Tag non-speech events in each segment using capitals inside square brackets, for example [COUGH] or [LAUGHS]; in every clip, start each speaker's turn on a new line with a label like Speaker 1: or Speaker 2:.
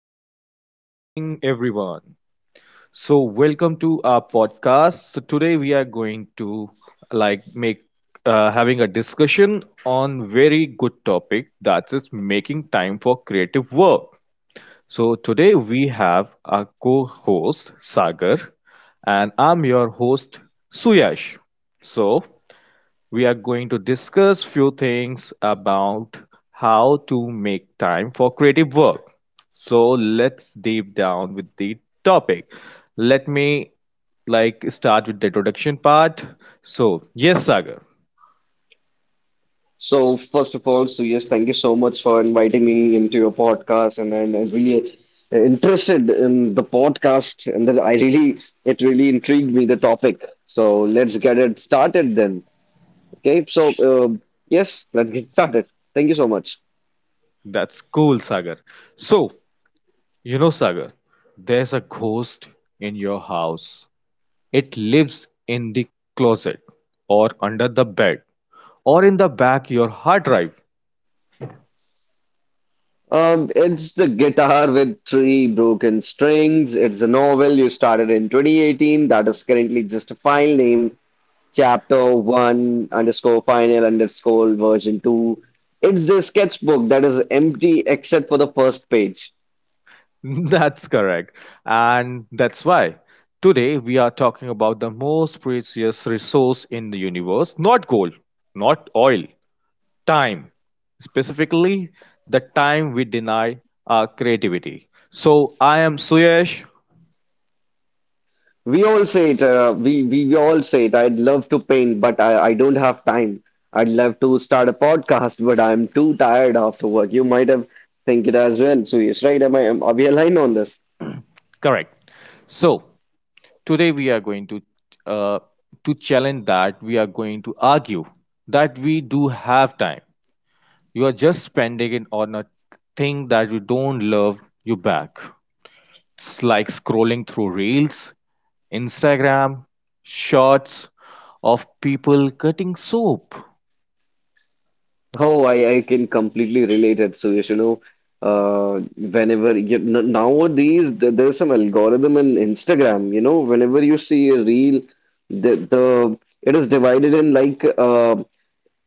Speaker 1: good morning, everyone. So, welcome to our podcast. So, today we are going to like make having a discussion on very good topic that is making time for creative work. So, today we have our co-host Sagar, and I'm your host Suyash. So, we are going to discuss few things about how to make time for creative work. So let's deep down with the topic. Let me like start with the introduction part. So yes, Sagar.
Speaker 2: So first of all, so yes, thank you so much for inviting me into your podcast, and I'm really interested in the podcast, and that I really it really intrigued me the topic. So let's get it started then. Okay, so
Speaker 1: Sh-
Speaker 2: yes, let's get started. Thank you so much.
Speaker 1: that's cool, Sagar. So you know, Sagar, there's a ghost in your house. It lives in the closet or under the bed or in the back your hard drive.
Speaker 2: It's the guitar with three broken strings. It's a novel you started in 2018 that is currently just a file name chapter one underscore final underscore version two. It's the sketchbook that is empty except for the first page.
Speaker 1: [LAUGHS] That's correct. And that's why today we are talking about the most precious resource in the universe, not gold, not oil, time. Specifically, the time we deny our creativity. So, I am Suyesh.
Speaker 2: We all say it, we all say it. I'd love to paint, but I don't have time. I'd love to start a podcast, but I'm too tired after work. You might have think it as well. So yes, right? Are we aligned on this?
Speaker 1: Correct. So, today we are going uh, to challenge that we are going to argue that we do have time. You are just spending it on a thing that you don't love you back. It's like scrolling through Reels, Instagram, shots of people cutting soap.
Speaker 2: Oh, I can completely relate it. So, yes, you know, whenever nowadays there's some algorithm in Instagram, you know, whenever you see a reel, the it is divided in like uh,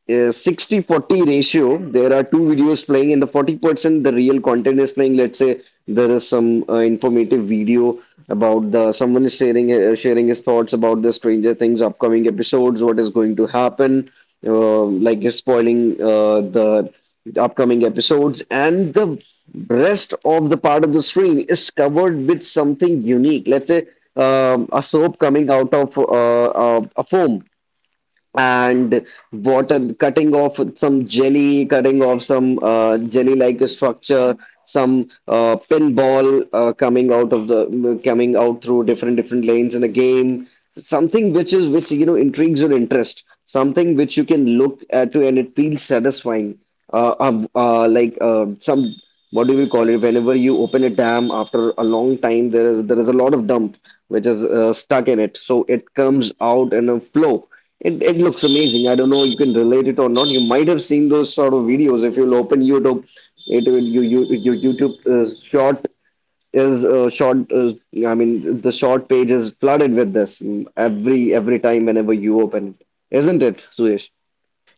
Speaker 2: uh, 60 40 ratio. There are two videos playing, and the 40%, the real content, is playing. Let's say there is some informative video about, the someone is sharing sharing his thoughts about the stranger things upcoming episodes, what is going to happen. Like, he's spoiling the upcoming episodes, and the rest of the part of the screen is covered with something unique. Let's say a soap coming out of a foam, and water cutting off some jelly, cutting off some jelly like structure, some pinball coming out of the coming out through different lanes in the game, something which is which you know intrigues your interest, something which you can look at to and it feels satisfying. Some, what do we call it, whenever you open a dam after a long time, there is a lot of dump which is stuck in it, so it comes out in a flow. It looks amazing. I don't know you can relate it or not. You might have seen those sort of videos if you'll open YouTube. It will you your YouTube short is short. I mean, the short page is flooded with this every time whenever you open it, isn't it, Suyesh?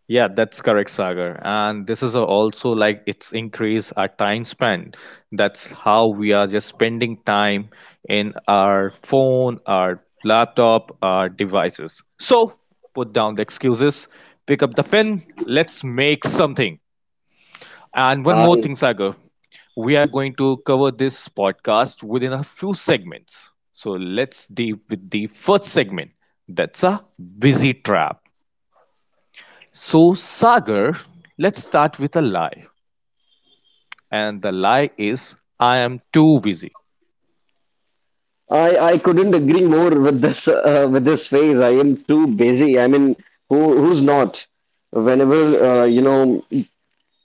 Speaker 1: Yeah, that's correct, Sagar. And this is also like it's increase our time spent. That's how we are just spending time in our phone, our laptop, our devices. So put down the excuses, pick up the pen, let's make something. And one more
Speaker 2: I
Speaker 1: thing, Sagar. We are going to cover this podcast within a few segments. So let's deal with the first segment. That's a busy trap. So, Sagar, let's start with a lie. And the lie is, I am too busy.
Speaker 2: I couldn't agree more with this phase. I am too busy. I mean, who's not? Whenever, you know.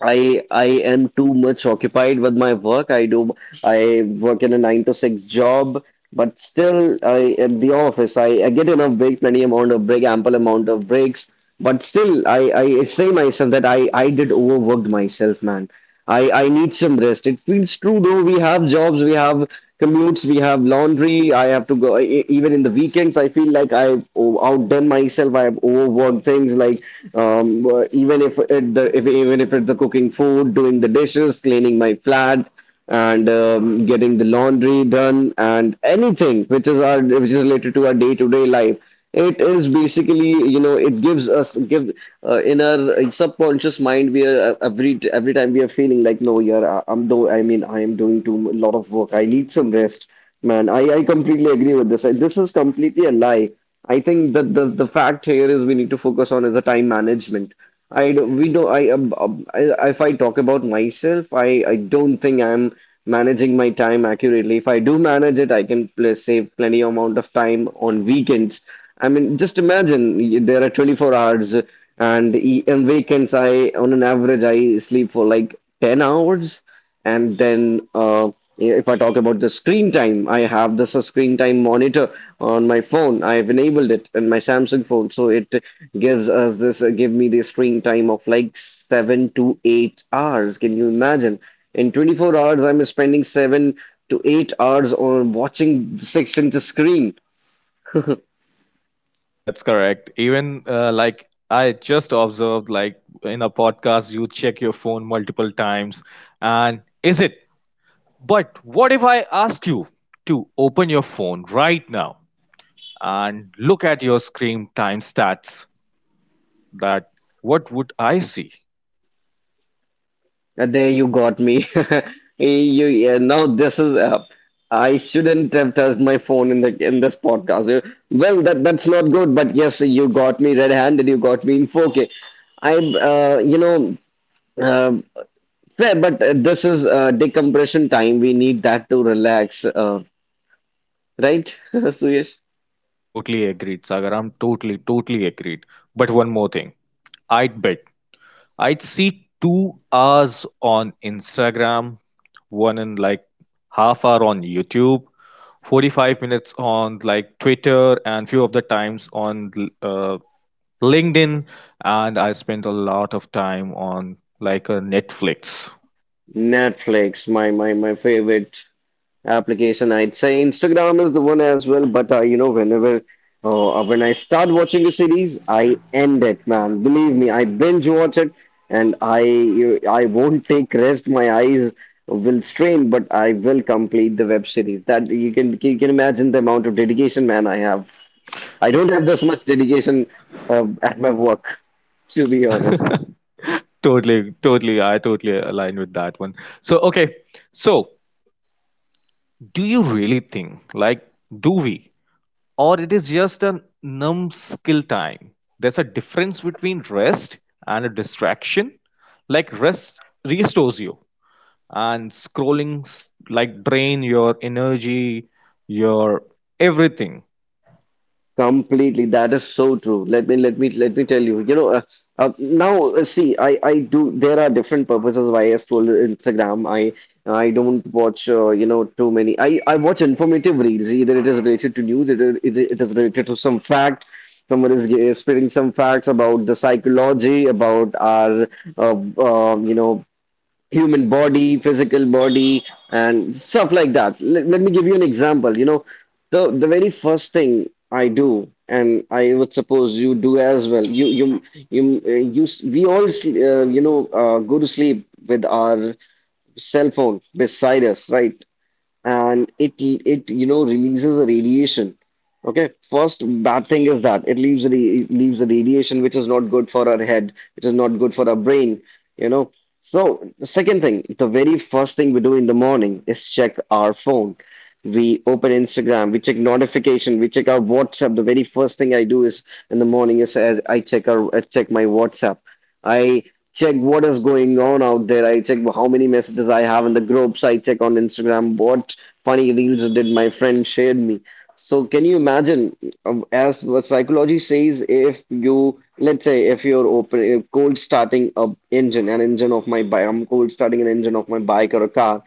Speaker 2: I am too much occupied with my work. I work in a 9 to 6 job, but still I at the office I get enough break, plenty amount of break, ample amount of breaks. But still I say myself that I did overworked myself, man. I need some rest. It feels true though. We have jobs, we have commutes, we have laundry. I have to go even in the weekends. I feel like I've outdone myself. I've overworked things like even if even if it's the cooking food, doing the dishes, cleaning my flat, and getting the laundry done, and anything which is related to our day-to-day life. It is basically, it gives us give in our subconscious mind, we are every time we are feeling like, no, yeah, I- I'm do I mean I am doing too a lot of work. I need some rest, man. I completely agree with this. This is completely a lie. I think that the fact here is we need to focus on is the time management. I do, we do I If I talk about myself, I don't think I'm managing my time accurately. If I do manage it, I can pl save plenty amount of time on weekends. I mean, just imagine, there are 24 hours, and on weekends I on an average I sleep for like 10 hours. And then, if I talk about the screen time, I have this a screen time monitor on my phone. I've enabled it in my Samsung phone, so it give me the screen time of like 7 to 8 hours. Can you imagine? In 24 hours, I'm spending 7 to 8 hours on watching the 6 inch screen. [LAUGHS]
Speaker 1: That's correct. Even like I just observed, like in a podcast, you check your phone multiple times. And is it? But what if I ask you to open your phone right now and look at your screen time stats, that what would I see?
Speaker 2: There you got me. [LAUGHS] You Yeah, now this is I shouldn't have touched my phone in the in this podcast. Well, that's not good, but yes, you got me red-handed. You got me in 4K. I you know uh, Fair, but this is decompression time. We need that to relax, right, [LAUGHS] Suyesh?
Speaker 1: Totally agreed, Sagar. I'm totally totally agreed. But one more thing, I'd bet I'd see 2 hours on Instagram, one in like half hour on YouTube, 45 minutes on like Twitter, and few of the times on uh, LinkedIn, and I spent a lot of time on like a Netflix.
Speaker 2: Netflix, my favorite application. I'd say Instagram is the one as well, but whenever when I start watching a series, I end it, man. Believe me, I binge watch it, and I won't take rest. My eyes will strain, but I will complete the web series. That you can imagine the amount of dedication, man, I have. I don't have this much dedication at my work, to be honest.
Speaker 1: [LAUGHS] Totally, totally. I totally align with that one. So, okay. So, do you really think, like, do we, or it is just a numb skill time? There's a difference between rest and a distraction. Like, rest restores you, and scrolling, like, drain your energy, your everything. [LAUGHS]
Speaker 2: Completely, that is so true. Let me tell you. You know, now see, I do. There are different purposes why I scroll Instagram. I don't watch too many. I watch informative reels. Either it is related to news, it is related to some fact. Someone is spreading some facts about the psychology, about our uh, uh, you know human body, physical body, and stuff like that. Let me give you an example. You know, the very first thing I do, and I would suppose you do as well. We all go to sleep with our cell phone beside us, right? And it releases a radiation. Okay, first bad thing is that it leaves a radiation which is not good for our head, which is not good for our brain, you know. So the second thing, the very first thing we do in the morning is check our phone. We open Instagram, we check notification, we check our WhatsApp. The very first thing I do is in the morning is as I check our I check my WhatsApp. I check what is going on out there. I check how many messages I have in the groups. I check on Instagram what funny reels that my friend shared me. So can you imagine, as what psychology says, if you're open, cold starting an engine of my bike, I'm cold starting an engine of my bike or a car,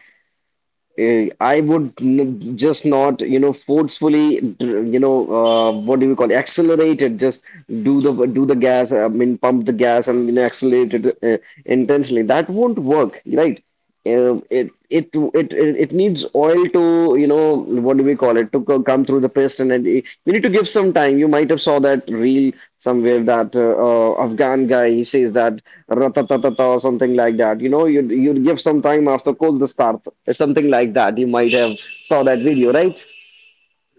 Speaker 2: I would n just not, you know, forcefully, what do we call it, accelerate it, just do the gas, I mean, pump the gas, and, you know, accelerate it intensely. That won't work, right? It needs oil to, you know, what do we call it, to come through the piston, and you need to give some time. You might have saw that reel somewhere that afghan guy, he says that ratatatata or something like that. You know, you give some time after cold the start, something like that. You might have saw that video, right?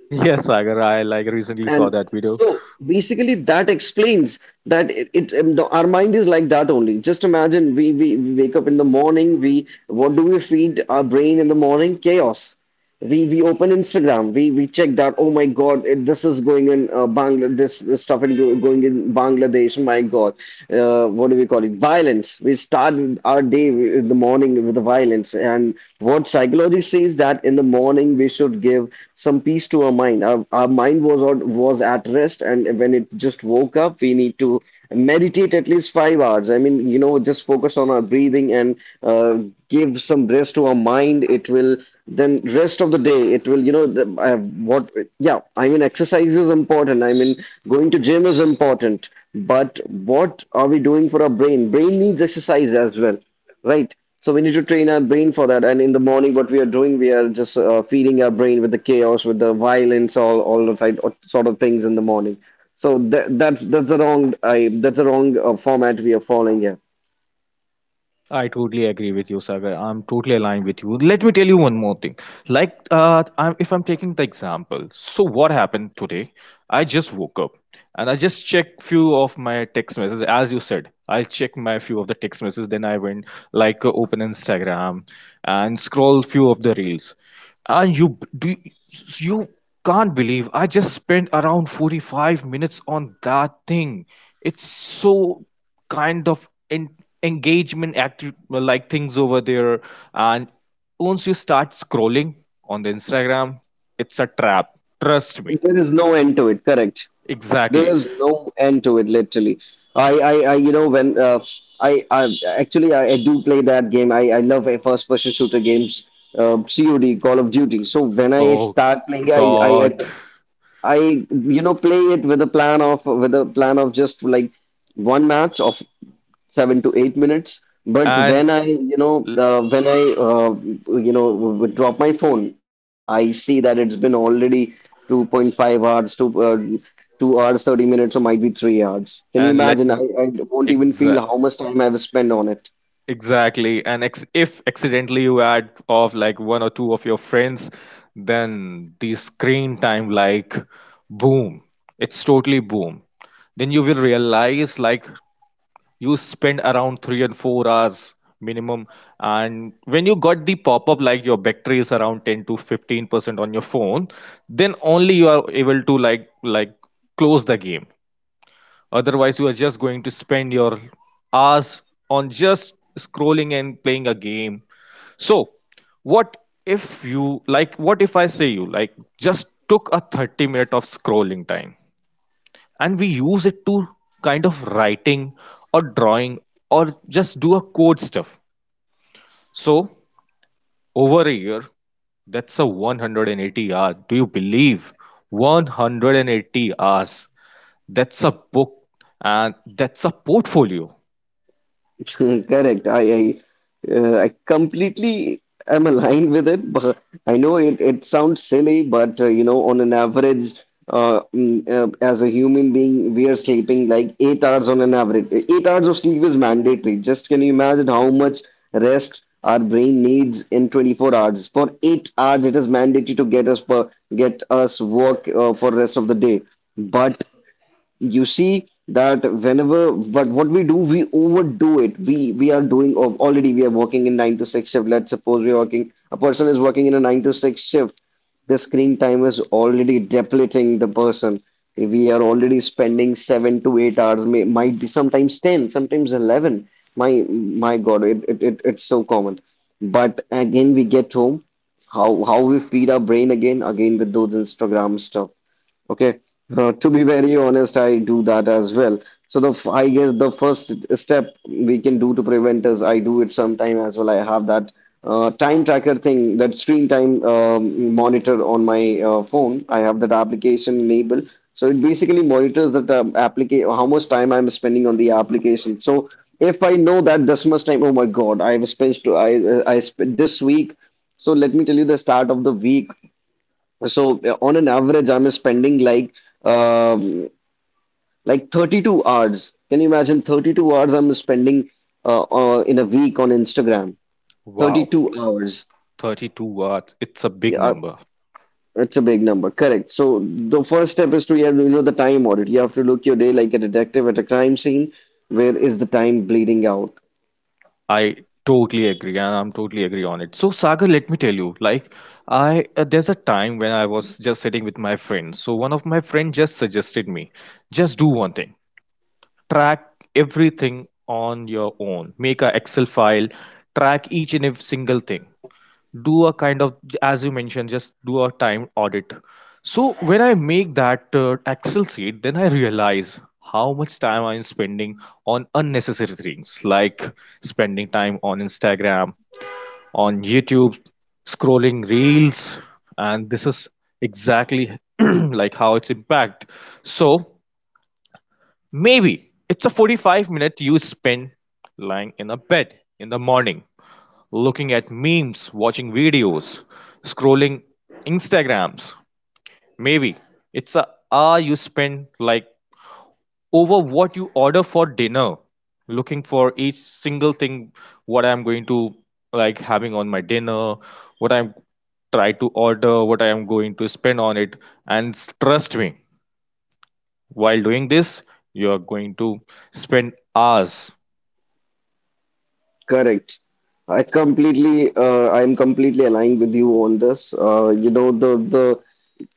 Speaker 1: Yes, Sagar, I like recently saw
Speaker 2: And
Speaker 1: that video.
Speaker 2: so basically, that explains that our mind is like that only. Just imagine, we wake up in the morning. We, what do we feed our brain in the morning? Chaos. We open Instagram, we check that. Oh my God, this is going in Bangladesh. This stuff going in Bangladesh. My God, what do we call it? Violence. We start our day in the morning with the violence. And what psychology says, that in the morning we should give some peace to our mind. Our mind was, was at rest, and when it just woke up, we need to meditate at least 5 hours. I mean, you know, just focus on our breathing and uh, give some rest to our mind. It will then rest of the day. It will, I have what? Yeah, I mean, exercise is important. I mean, going to gym is important. But what are we doing for our brain? Brain needs exercise as well, right? So we need to train our brain for that. And in the morning, what we are doing, we are just feeding our brain with the chaos, with the violence, all the side, sort of things in the morning. So that's the wrong I that's the wrong format we are following here.
Speaker 1: I totally agree with you, Sagar. I'm totally aligned with you. Let me tell you one more thing. Like, if I'm taking the example, so what happened today? I just woke up and I just checked few of my text messages. As you said, I checked my few of the text messages. Then I went like open Instagram and scroll few of the reels. And you b- do you can't believe I just spent around 45 minutes on that thing. It's so kind of en engagement active like things over there. And once you start scrolling on the Instagram, it's a trap. Trust me.
Speaker 2: There is no end to it. Correct. There
Speaker 1: Exactly.
Speaker 2: is no end to it. Literally, I when I do play that game. I love a first person shooter games. COD, Call of Duty. So when I
Speaker 1: Oh
Speaker 2: start playing,
Speaker 1: God.
Speaker 2: I play it with a plan of just like one match of 7 to 8 minutes. But
Speaker 1: And
Speaker 2: when I,
Speaker 1: l-
Speaker 2: when I drop my phone, I see that it's been already 2.5 hours, 2 hours, 30 minutes, or might be 3 hours. Can you
Speaker 1: and let
Speaker 2: imagine?
Speaker 1: me
Speaker 2: I won't even
Speaker 1: exa
Speaker 2: feel how much time I've spent on it.
Speaker 1: Exactly. And ex if accidentally you add of like one or two of your friends, then the screen time like boom. It's totally boom. Then you will realize like you spend around 3 and 4 hours minimum. And when you got the pop-up like your battery is around 10 to 15% on your phone, then only you are able to like close the game. Otherwise, you are just going to spend your hours on just scrolling and playing a game. So, what if you like, what if I say you like just took a 30 minute of scrolling time and we use it to kind of writing or drawing or just do a code stuff? So, over a year, that's a 180 hours. Do you believe 180 hours? That's a book and that's a portfolio.
Speaker 2: [LAUGHS] Correct. I completely am aligned with it, but I know it sounds silly, but you know, on an average, as a human being, we are sleeping like 8 hours on an average. 8 hours of sleep is mandatory. Just can you imagine how much rest our brain needs in 24 hours? For 8 hours, it is mandatory to get us work for rest of the day. But you see that whenever but what we do, we overdo it. We are doing of already we are working in 9 to 6 shift. Let's suppose we're working, a person is working in a 9 to 6 shift. The screen time is already depleting the person. We are already spending 7 to 8 hours, may, might be sometimes 10, sometimes 11. my my god, it's so common. But again, we get home. How we feed our brain, again, again, with those Instagram stuff. Okay. To be very honest, I do that as well. So I guess the first step we can do to prevent, is I do it sometime as well. I have that time tracker thing, that screen time monitor on my phone. I have that application enabled, so it basically monitors that application, how much time I'm spending on the application. So if I know that this much time, oh my God, I spent this week. So let me tell you the start of the week. So on an average, I'm spending um, like 32 hours. Can you imagine? 32 hours I'm spending in a week on Instagram?
Speaker 1: Wow,
Speaker 2: 32 hours.
Speaker 1: 32 watts. It's a big
Speaker 2: Yeah,
Speaker 1: number.
Speaker 2: it's a big number. Correct. So the first step is, to you have to know the time audit. You have to look your day like a detective at a crime scene. Where is the time bleeding out?
Speaker 1: I totally agree, and I'm totally agree on it. So, Sagar, let me tell you, like, I there's a time when I was just sitting with my friends. So, one of my friends just suggested me, just do one thing, track everything on your own, make a Excel file, track each and every single thing. Do a kind of, as you mentioned, just do a time audit. So when I make that Excel sheet, then I realize how much time I'm spending on unnecessary things like spending time on Instagram, on YouTube, scrolling reels. And this is exactly [CLEARS THROAT] like how it's impact. So maybe it's a 45 minute you spend lying in a bed in the morning, looking at memes, watching videos, scrolling Instagrams. Maybe it's a hour you spend like over what you order for dinner, looking for each single thing what I'm going to like having on my dinner, what I'm try to order, what I am going to spend on it, and trust me, while doing this, you are going to spend hours.
Speaker 2: Correct. I completely, I'm completely aligned with you on this. You know, the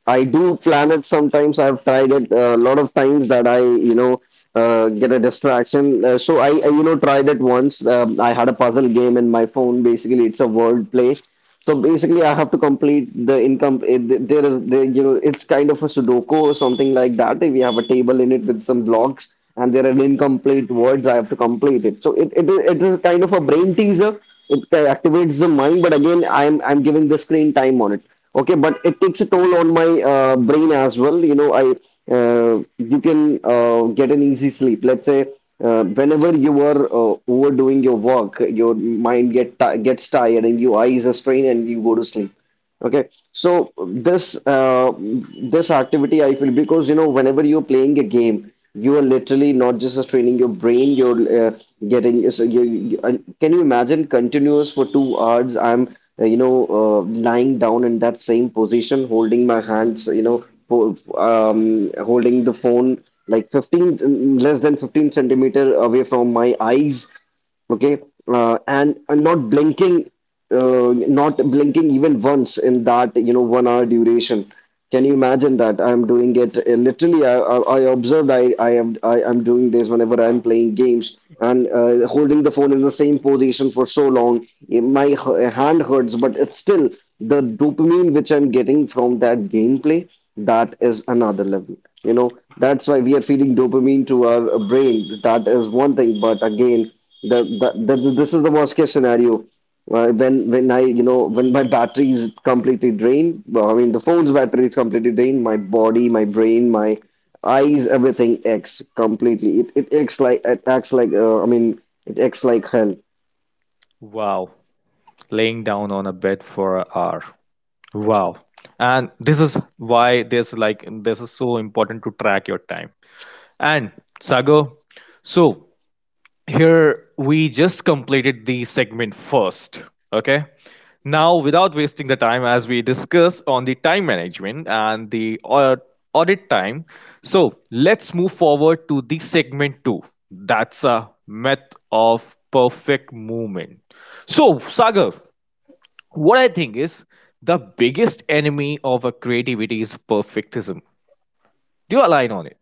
Speaker 2: I do plan it sometimes. I've tried it a lot of times that get a distraction. So I tried it once. I had a puzzle game in my phone. Basically, it's a word play. So basically, I have to complete the income. It, there is, there, you know, It's kind of a Sudoku or something like that. We have a table in it with some blocks, and there are incomplete words. I have to complete it. So it is kind of a brain teaser. It activates the mind, but again, I'm giving the screen time on it. Okay, but it takes a toll on my brain as well. You know I You can get an easy sleep, let's say. Whenever you are overdoing your work, your mind gets tired and your eyes are strained and you go to sleep. Okay, so this activity I feel, because you know, whenever you're playing a game, you are literally not just training your brain. You're uh, getting so you, and can you imagine continuous for 2 hours? I'm lying down in that same position, holding my hands, you know, holding the phone like 15 less than 15 centimeter away from my eyes. Okay. And not blinking, not blinking even once in that you know 1 hour duration. Can you imagine that I'm doing it? Literally, I observed I am doing this whenever I'm playing games and holding the phone in the same position for so long. Hand hurts, but it's still, the dopamine which I'm getting from that gameplay, that is another level, you know. That's why we are feeding dopamine to our brain. That is one thing, but again, the, this is the worst case scenario. When I, you know, when my battery is completely drained, well, I mean the phone's battery is completely drained. My body, my brain, my eyes, everything acts completely. It acts like, I mean it acts like hell.
Speaker 1: Wow, laying down on a bed for an hour. Wow. And this is why this like this is so important to track your time. And Sagar, so here we just completed the segment first. Okay. Now, without wasting the time, as we discuss on the time management and the audit time, so let's move forward to the segment two. That's a myth of perfect movement. So, Sagar, what I think is the biggest enemy of a creativity is perfectism. Do you align on it?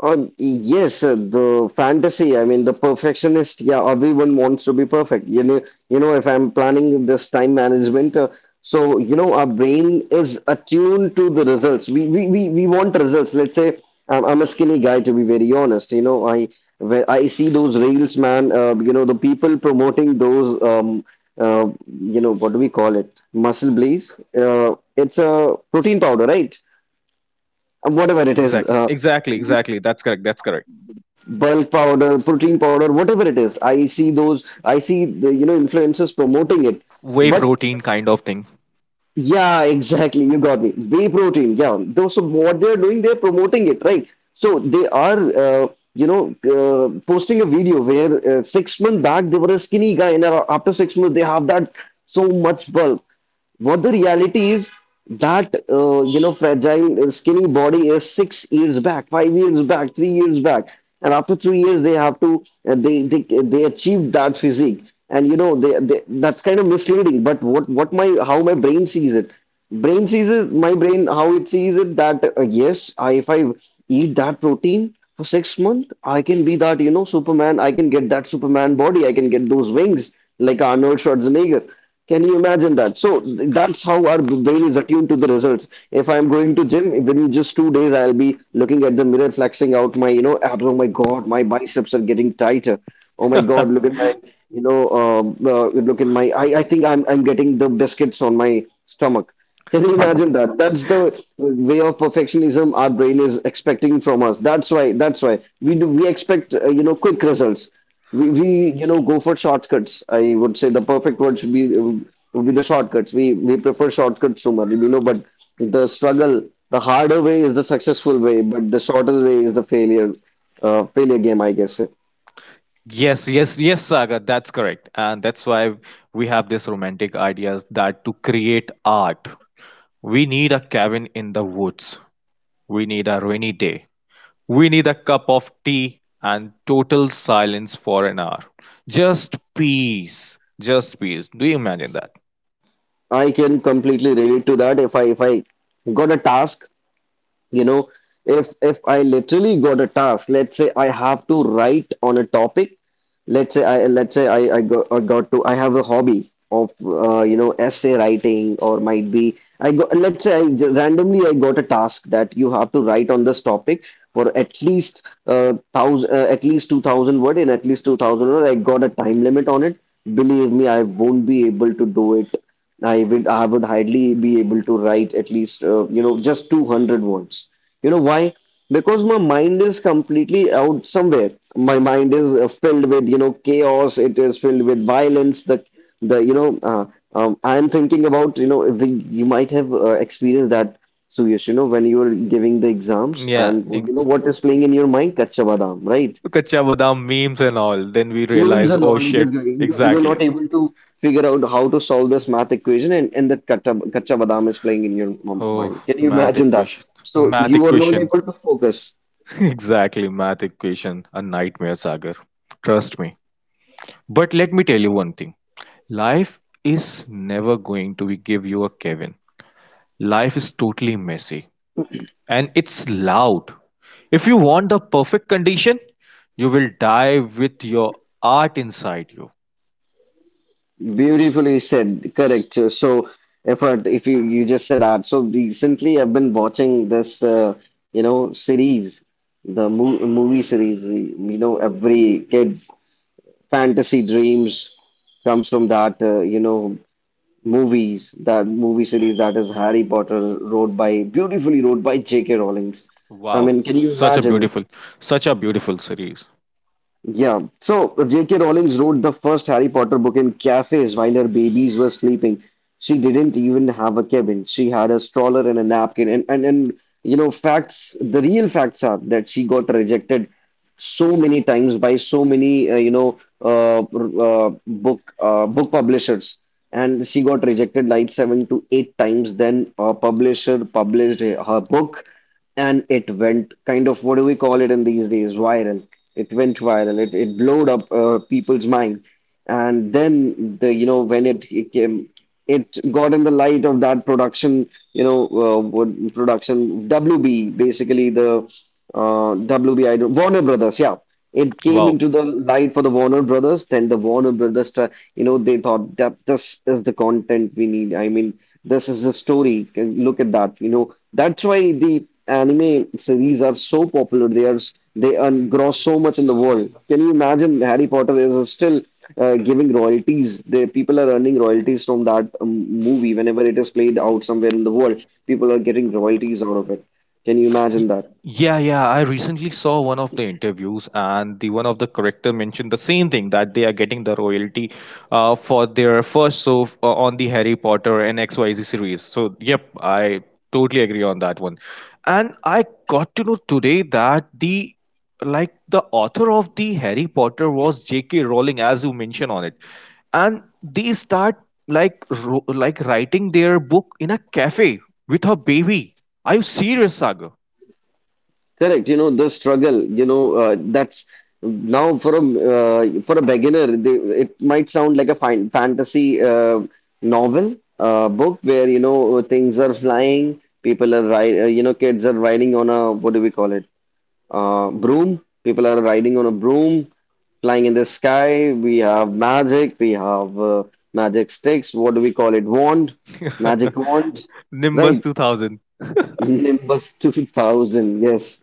Speaker 2: Yes, the fantasy. I mean, the perfectionist. Yeah, everyone wants to be perfect. You know, if I'm planning this time management, so you know, our brain is attuned to the results. We want results. Let's say I'm a skinny guy, to be very honest. You know, I When I see those reels, man. You know, the people promoting those. You know, what do we call it? Muscle Blaze. It's a protein powder, right? Whatever it
Speaker 1: Exactly,
Speaker 2: is.
Speaker 1: exactly, exactly, exactly. That's correct. That's correct.
Speaker 2: Bulk powder, protein powder, whatever it is. I see those, I see the, you know, influencers promoting it.
Speaker 1: Whey
Speaker 2: But
Speaker 1: protein kind of thing.
Speaker 2: yeah, [LAUGHS] exactly, you got me. Whey protein, yeah. Those, so what they're doing, they're promoting it, right? So they are, you know, posting a video where 6 months back they were a skinny guy, and after 6 months they have that so much bulk. What the reality is that you know, fragile skinny body is 6 years back, 5 years back, 3 years back, and after 3 years they have to they achieve that physique, and you know they, that's kind of misleading. But what my how my brain sees it, brain sees it, my brain how it sees it that yes, if I eat that protein for 6 months, I can be that, you know, Superman. I can get that Superman body, I can get those wings like Arnold Schwarzenegger. Can you imagine that? So that's how our brain is attuned to the results. If I'm going to gym, within just 2 days I'll be looking at the mirror, flexing out my, you know, abs. Oh my god, my biceps are getting tighter. Oh my god, look
Speaker 1: [LAUGHS]
Speaker 2: at my, you know, look at my, I think I'm getting the biscuits on my stomach. Can you imagine that? That's the way of perfectionism our brain is expecting from us. That's why. That's why we do. We expect you know quick results. We You know, go for shortcuts. I would say the perfect word should be would be the shortcuts. We prefer shortcuts so much. You know, but the struggle, the harder way is the successful way, but the shortest way is the failure, failure game, I guess.
Speaker 1: Yes, yes, yes, Saga, that's correct. And that's why we have this romantic ideas that to create art, we need a cabin in the woods. We need a rainy day. We need a cup of tea and total silence for an hour. Just peace. Just peace. Do you imagine that?
Speaker 2: I can completely relate to that. If I got a task, you know, if I literally got a task, let's say I have to write on a topic, let's say I got, I got to, I have a hobby of you know, essay writing, or might be I got, let's say, randomly I got a task that you have to write on this topic for at least thousand at least 2000 word, I got a time limit on it. Believe me, I won't be able to do it. I would hardly be able to write at least you know, just 200 words. You know why? Because my mind is completely out somewhere. My mind is filled with you know chaos. It is filled with violence. The You know, I am thinking about, you know, you might have experienced that, Suyash. You know, when you are giving the exams
Speaker 1: Yeah,
Speaker 2: and you know what is playing in your mind? Kaccha badam, right?
Speaker 1: Kacha Badam memes and all. Then we
Speaker 2: Names
Speaker 1: realize,
Speaker 2: and
Speaker 1: oh
Speaker 2: all, it is
Speaker 1: shit,
Speaker 2: you're not
Speaker 1: exactly.
Speaker 2: able to figure out how to solve this math equation, and that kacha badam is playing in your
Speaker 1: Oh,
Speaker 2: mind. Can you
Speaker 1: math
Speaker 2: imagine that?
Speaker 1: equation.
Speaker 2: So
Speaker 1: Math
Speaker 2: you are not
Speaker 1: equation.
Speaker 2: able to focus.
Speaker 1: [LAUGHS] Exactly, math equation. A nightmare, Sagar. Trust me. But let me tell you one thing. Life is never going to be give you a Kevin. Life is totally messy and it's loud. If you want the perfect condition, you will die with your art inside you.
Speaker 2: Beautifully said, correct. So if I, if you, you just said that. So recently I've been watching this you know series, the movie series, you know, every kid's fantasy dreams comes from that, you know, movies, that movie series, that is Harry Potter, wrote by, beautifully wrote by J.K. Rowling. I
Speaker 1: Wow,
Speaker 2: mean, can you
Speaker 1: such a
Speaker 2: imagine?
Speaker 1: beautiful, such a beautiful series.
Speaker 2: Yeah, so J.K. Rowling wrote the first Harry Potter book in cafes while her babies were sleeping. She didn't even have a cabin. She had a stroller and a napkin. And you know, facts, the real facts are that she got rejected so many times by so many, you know, uh, r- book publishers. And she got rejected like seven to eight times. Then a publisher published her book, and it went kind of, what do we call it in these days, viral. It went viral. It blowed up people's mind. And then the, you know, when it came, it got in the light of that production, you know, production WB, basically the WB, don't, Warner Brothers, yeah. It came
Speaker 1: Wow.
Speaker 2: into the light for the Warner Brothers. Then the Warner Brothers, you know, they thought that this is the content we need. I mean, this is the story. Look at that, you know. That's why the anime series are so popular. They are they gross so much in the world. Can you imagine, Harry Potter is still giving royalties. The people are earning royalties from that movie whenever it is played out somewhere in the world. People are getting royalties out of it. Can you
Speaker 1: Y-
Speaker 2: imagine that?
Speaker 1: Yeah, yeah. I recently saw one of the interviews, and the one of the character mentioned the same thing that they are getting the royalty for their first show on the Harry Potter and XYZ series. So, yep, I totally agree on that one. And I got to know today that the like the author of the Harry Potter was J.K. Rowling, as you mentioned on it, and they start like like writing their book in a cafe with her baby. Are you serious, Sagar?
Speaker 2: Correct. You know the struggle. You know that's now for a beginner. They, it might sound like a fine fantasy novel, book, where you know things are flying. People are you know, kids are riding on a, what do we call it? Broom. People are riding on a broom, flying in the sky. We have magic. We have magic sticks. What do we call it? Wand. Magic
Speaker 1: [LAUGHS]
Speaker 2: wand.
Speaker 1: Nimbus
Speaker 2: Right.
Speaker 1: 2000.
Speaker 2: Nimbus 2000. Yes.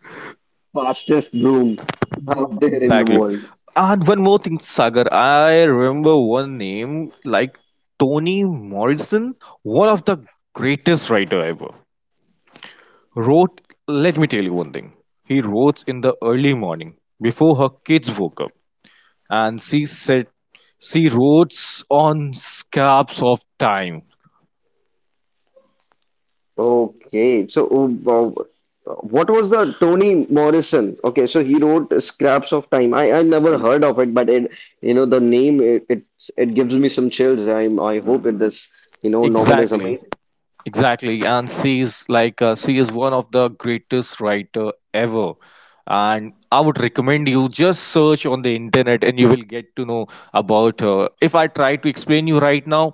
Speaker 2: Fastest broom out there in the
Speaker 1: Exactly.
Speaker 2: world.
Speaker 1: And one more thing, Sagar. I remember one name like Toni Morrison, one of the greatest writer ever. Wrote, let me tell you one thing. He wrote in the early morning before her kids woke up, and she said she wrote on scraps of time.
Speaker 2: Okay, so what was the Toni Morrison? Okay, so he wrote Scraps of Time. I never, Hmm, heard of it, but it, you know, the name it gives me some chills. I hope it, this you know novel, is
Speaker 1: Exactly.
Speaker 2: amazing.
Speaker 1: Exactly, and she is like she is one of the greatest writer ever. And I would recommend you just search on the internet and you will get to know about her. If I try to explain you right now,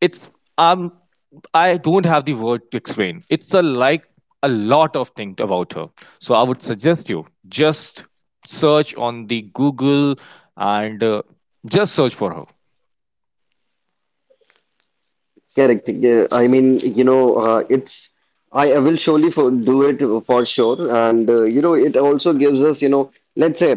Speaker 1: it's um I don't have the word to explain. It's a like a lot of things about her. So I would suggest you just search on the Google and just search for her.
Speaker 2: Correct. Yeah, I mean, you know, it's, I will surely, for, do it for sure, and you know, it also gives us, you know, let's say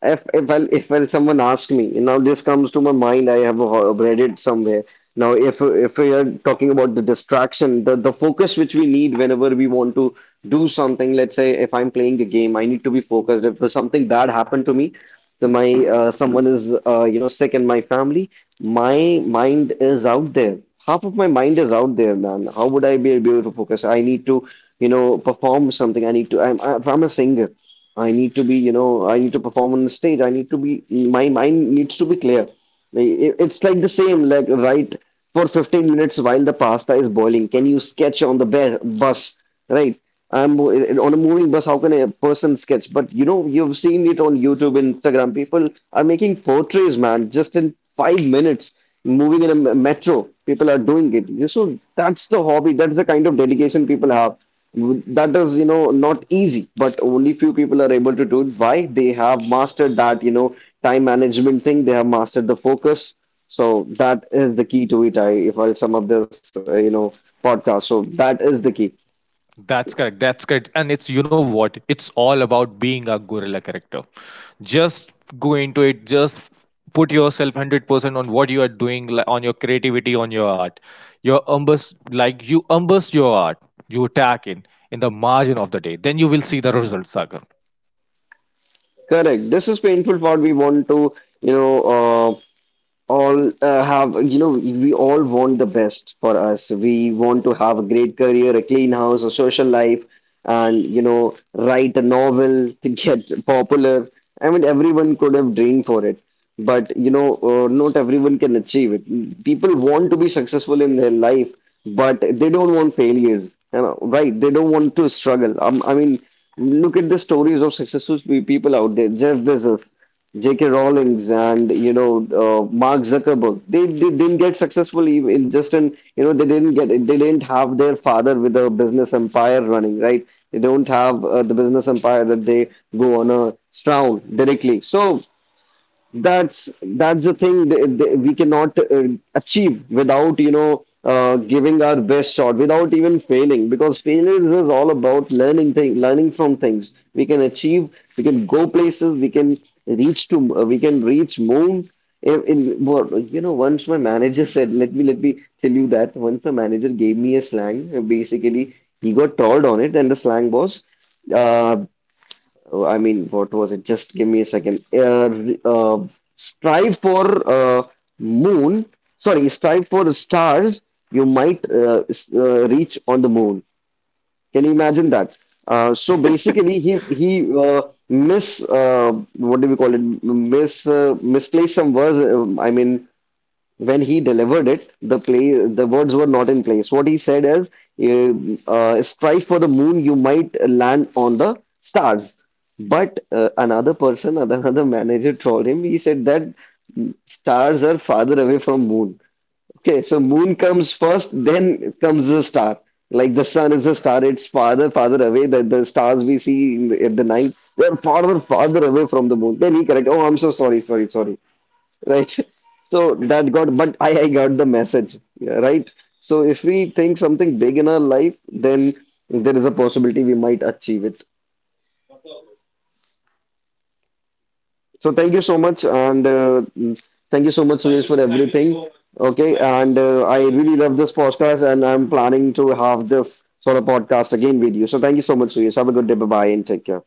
Speaker 2: if I, someone asks me, now this comes to my mind, I have read it somewhere. Now, if we are talking about the distraction, the focus which we need whenever we want to do something, let's say if I'm playing a game, I need to be focused. If something bad happened to me, so my someone is you know sick in my family, my mind is out there. Half of my mind is out there, man. How would I be able to focus? I need to, you know, perform something. I need to. If I'm a singer, I need to be, you know, I need to perform on the stage. I need to be. My mind needs to be clear. Like, It's like the same, like right for 15 minutes while the pasta is boiling. Can you sketch on the bus, right? I'm on a moving bus. How can a person sketch? But you know, you've seen it on YouTube, Instagram. People are making portraits, man, just in 5 minutes. Moving in a metro, people are doing it. You- So that's the hobby. That's the kind of dedication people have. That is, you know, not easy, but only few people are able to do it. Why? They have mastered that, you know, time management thing. They have mastered the focus. So that is the key to it. I If I sum up this, you know, podcast, so that is the key.
Speaker 1: That's correct. That's correct. And it's, you know what? It's all about being a gorilla character. Just go into it. Just put yourself 100% on what you are doing, on your creativity, on your art. Your embers, like you embers your art, you attack in the margin of the day. Then you will see the results, Sagar.
Speaker 2: Correct. This is painful part. We want to, you know, all have, you know, we all want the best for us. We want to have a great career, a clean house, a social life, and you know, write a novel to get popular. I mean, everyone could have dreamed for it, but you know, not everyone can achieve it. People want to be successful in their life, but they don't want failures, you know, right? They don't want to struggle. I mean, look at the stories of successful people out there, Jeff Bezos, J.K. Rowling's, and you know Mark Zuckerberg. They didn't get successful even, in just, in you know, they didn't get, they didn't have their father with a business empire running, right. They don't have the business empire that they go on a stroll directly. So that's the thing, we cannot achieve without you know giving our best shot, without even failing, because failures is all about learning thing, learning from things, we can achieve, we can go places, we can reach to we can reach moon in what, you know. Once my manager said, let me tell you that once my manager gave me a slang, basically he got trolled on it, and the slang was, uh, oh, I mean, what was it? Just give me a second. Strive for moon. Sorry, strive for stars. You might reach on the moon. Can you imagine that? So
Speaker 1: [LAUGHS]
Speaker 2: basically, he mis what do we call it? Miss Misplaced some words. I mean, when he delivered it, the words were not in place. What he said is, "Strive for the moon, you might land on the stars." But another person, [LAUGHS] another manager trolled him. He said that stars are farther away from moon. Okay, so moon comes first, then comes the star. Like the sun is a star, it's farther away. The stars we see in the, at the night, they're farther away from the moon. Then he, correct. Oh, I'm so sorry, sorry, sorry, right. [LAUGHS] So that got, but I got the message, yeah, right. So if we think something big in our life, then there is a possibility we might achieve it. So thank you so much, and thank you so much, Suresh, for everything. Okay, and I really love this podcast, and I'm planning to have this sort of podcast again with you. So thank you so much, Suresh. Have a good day. Bye bye and take care.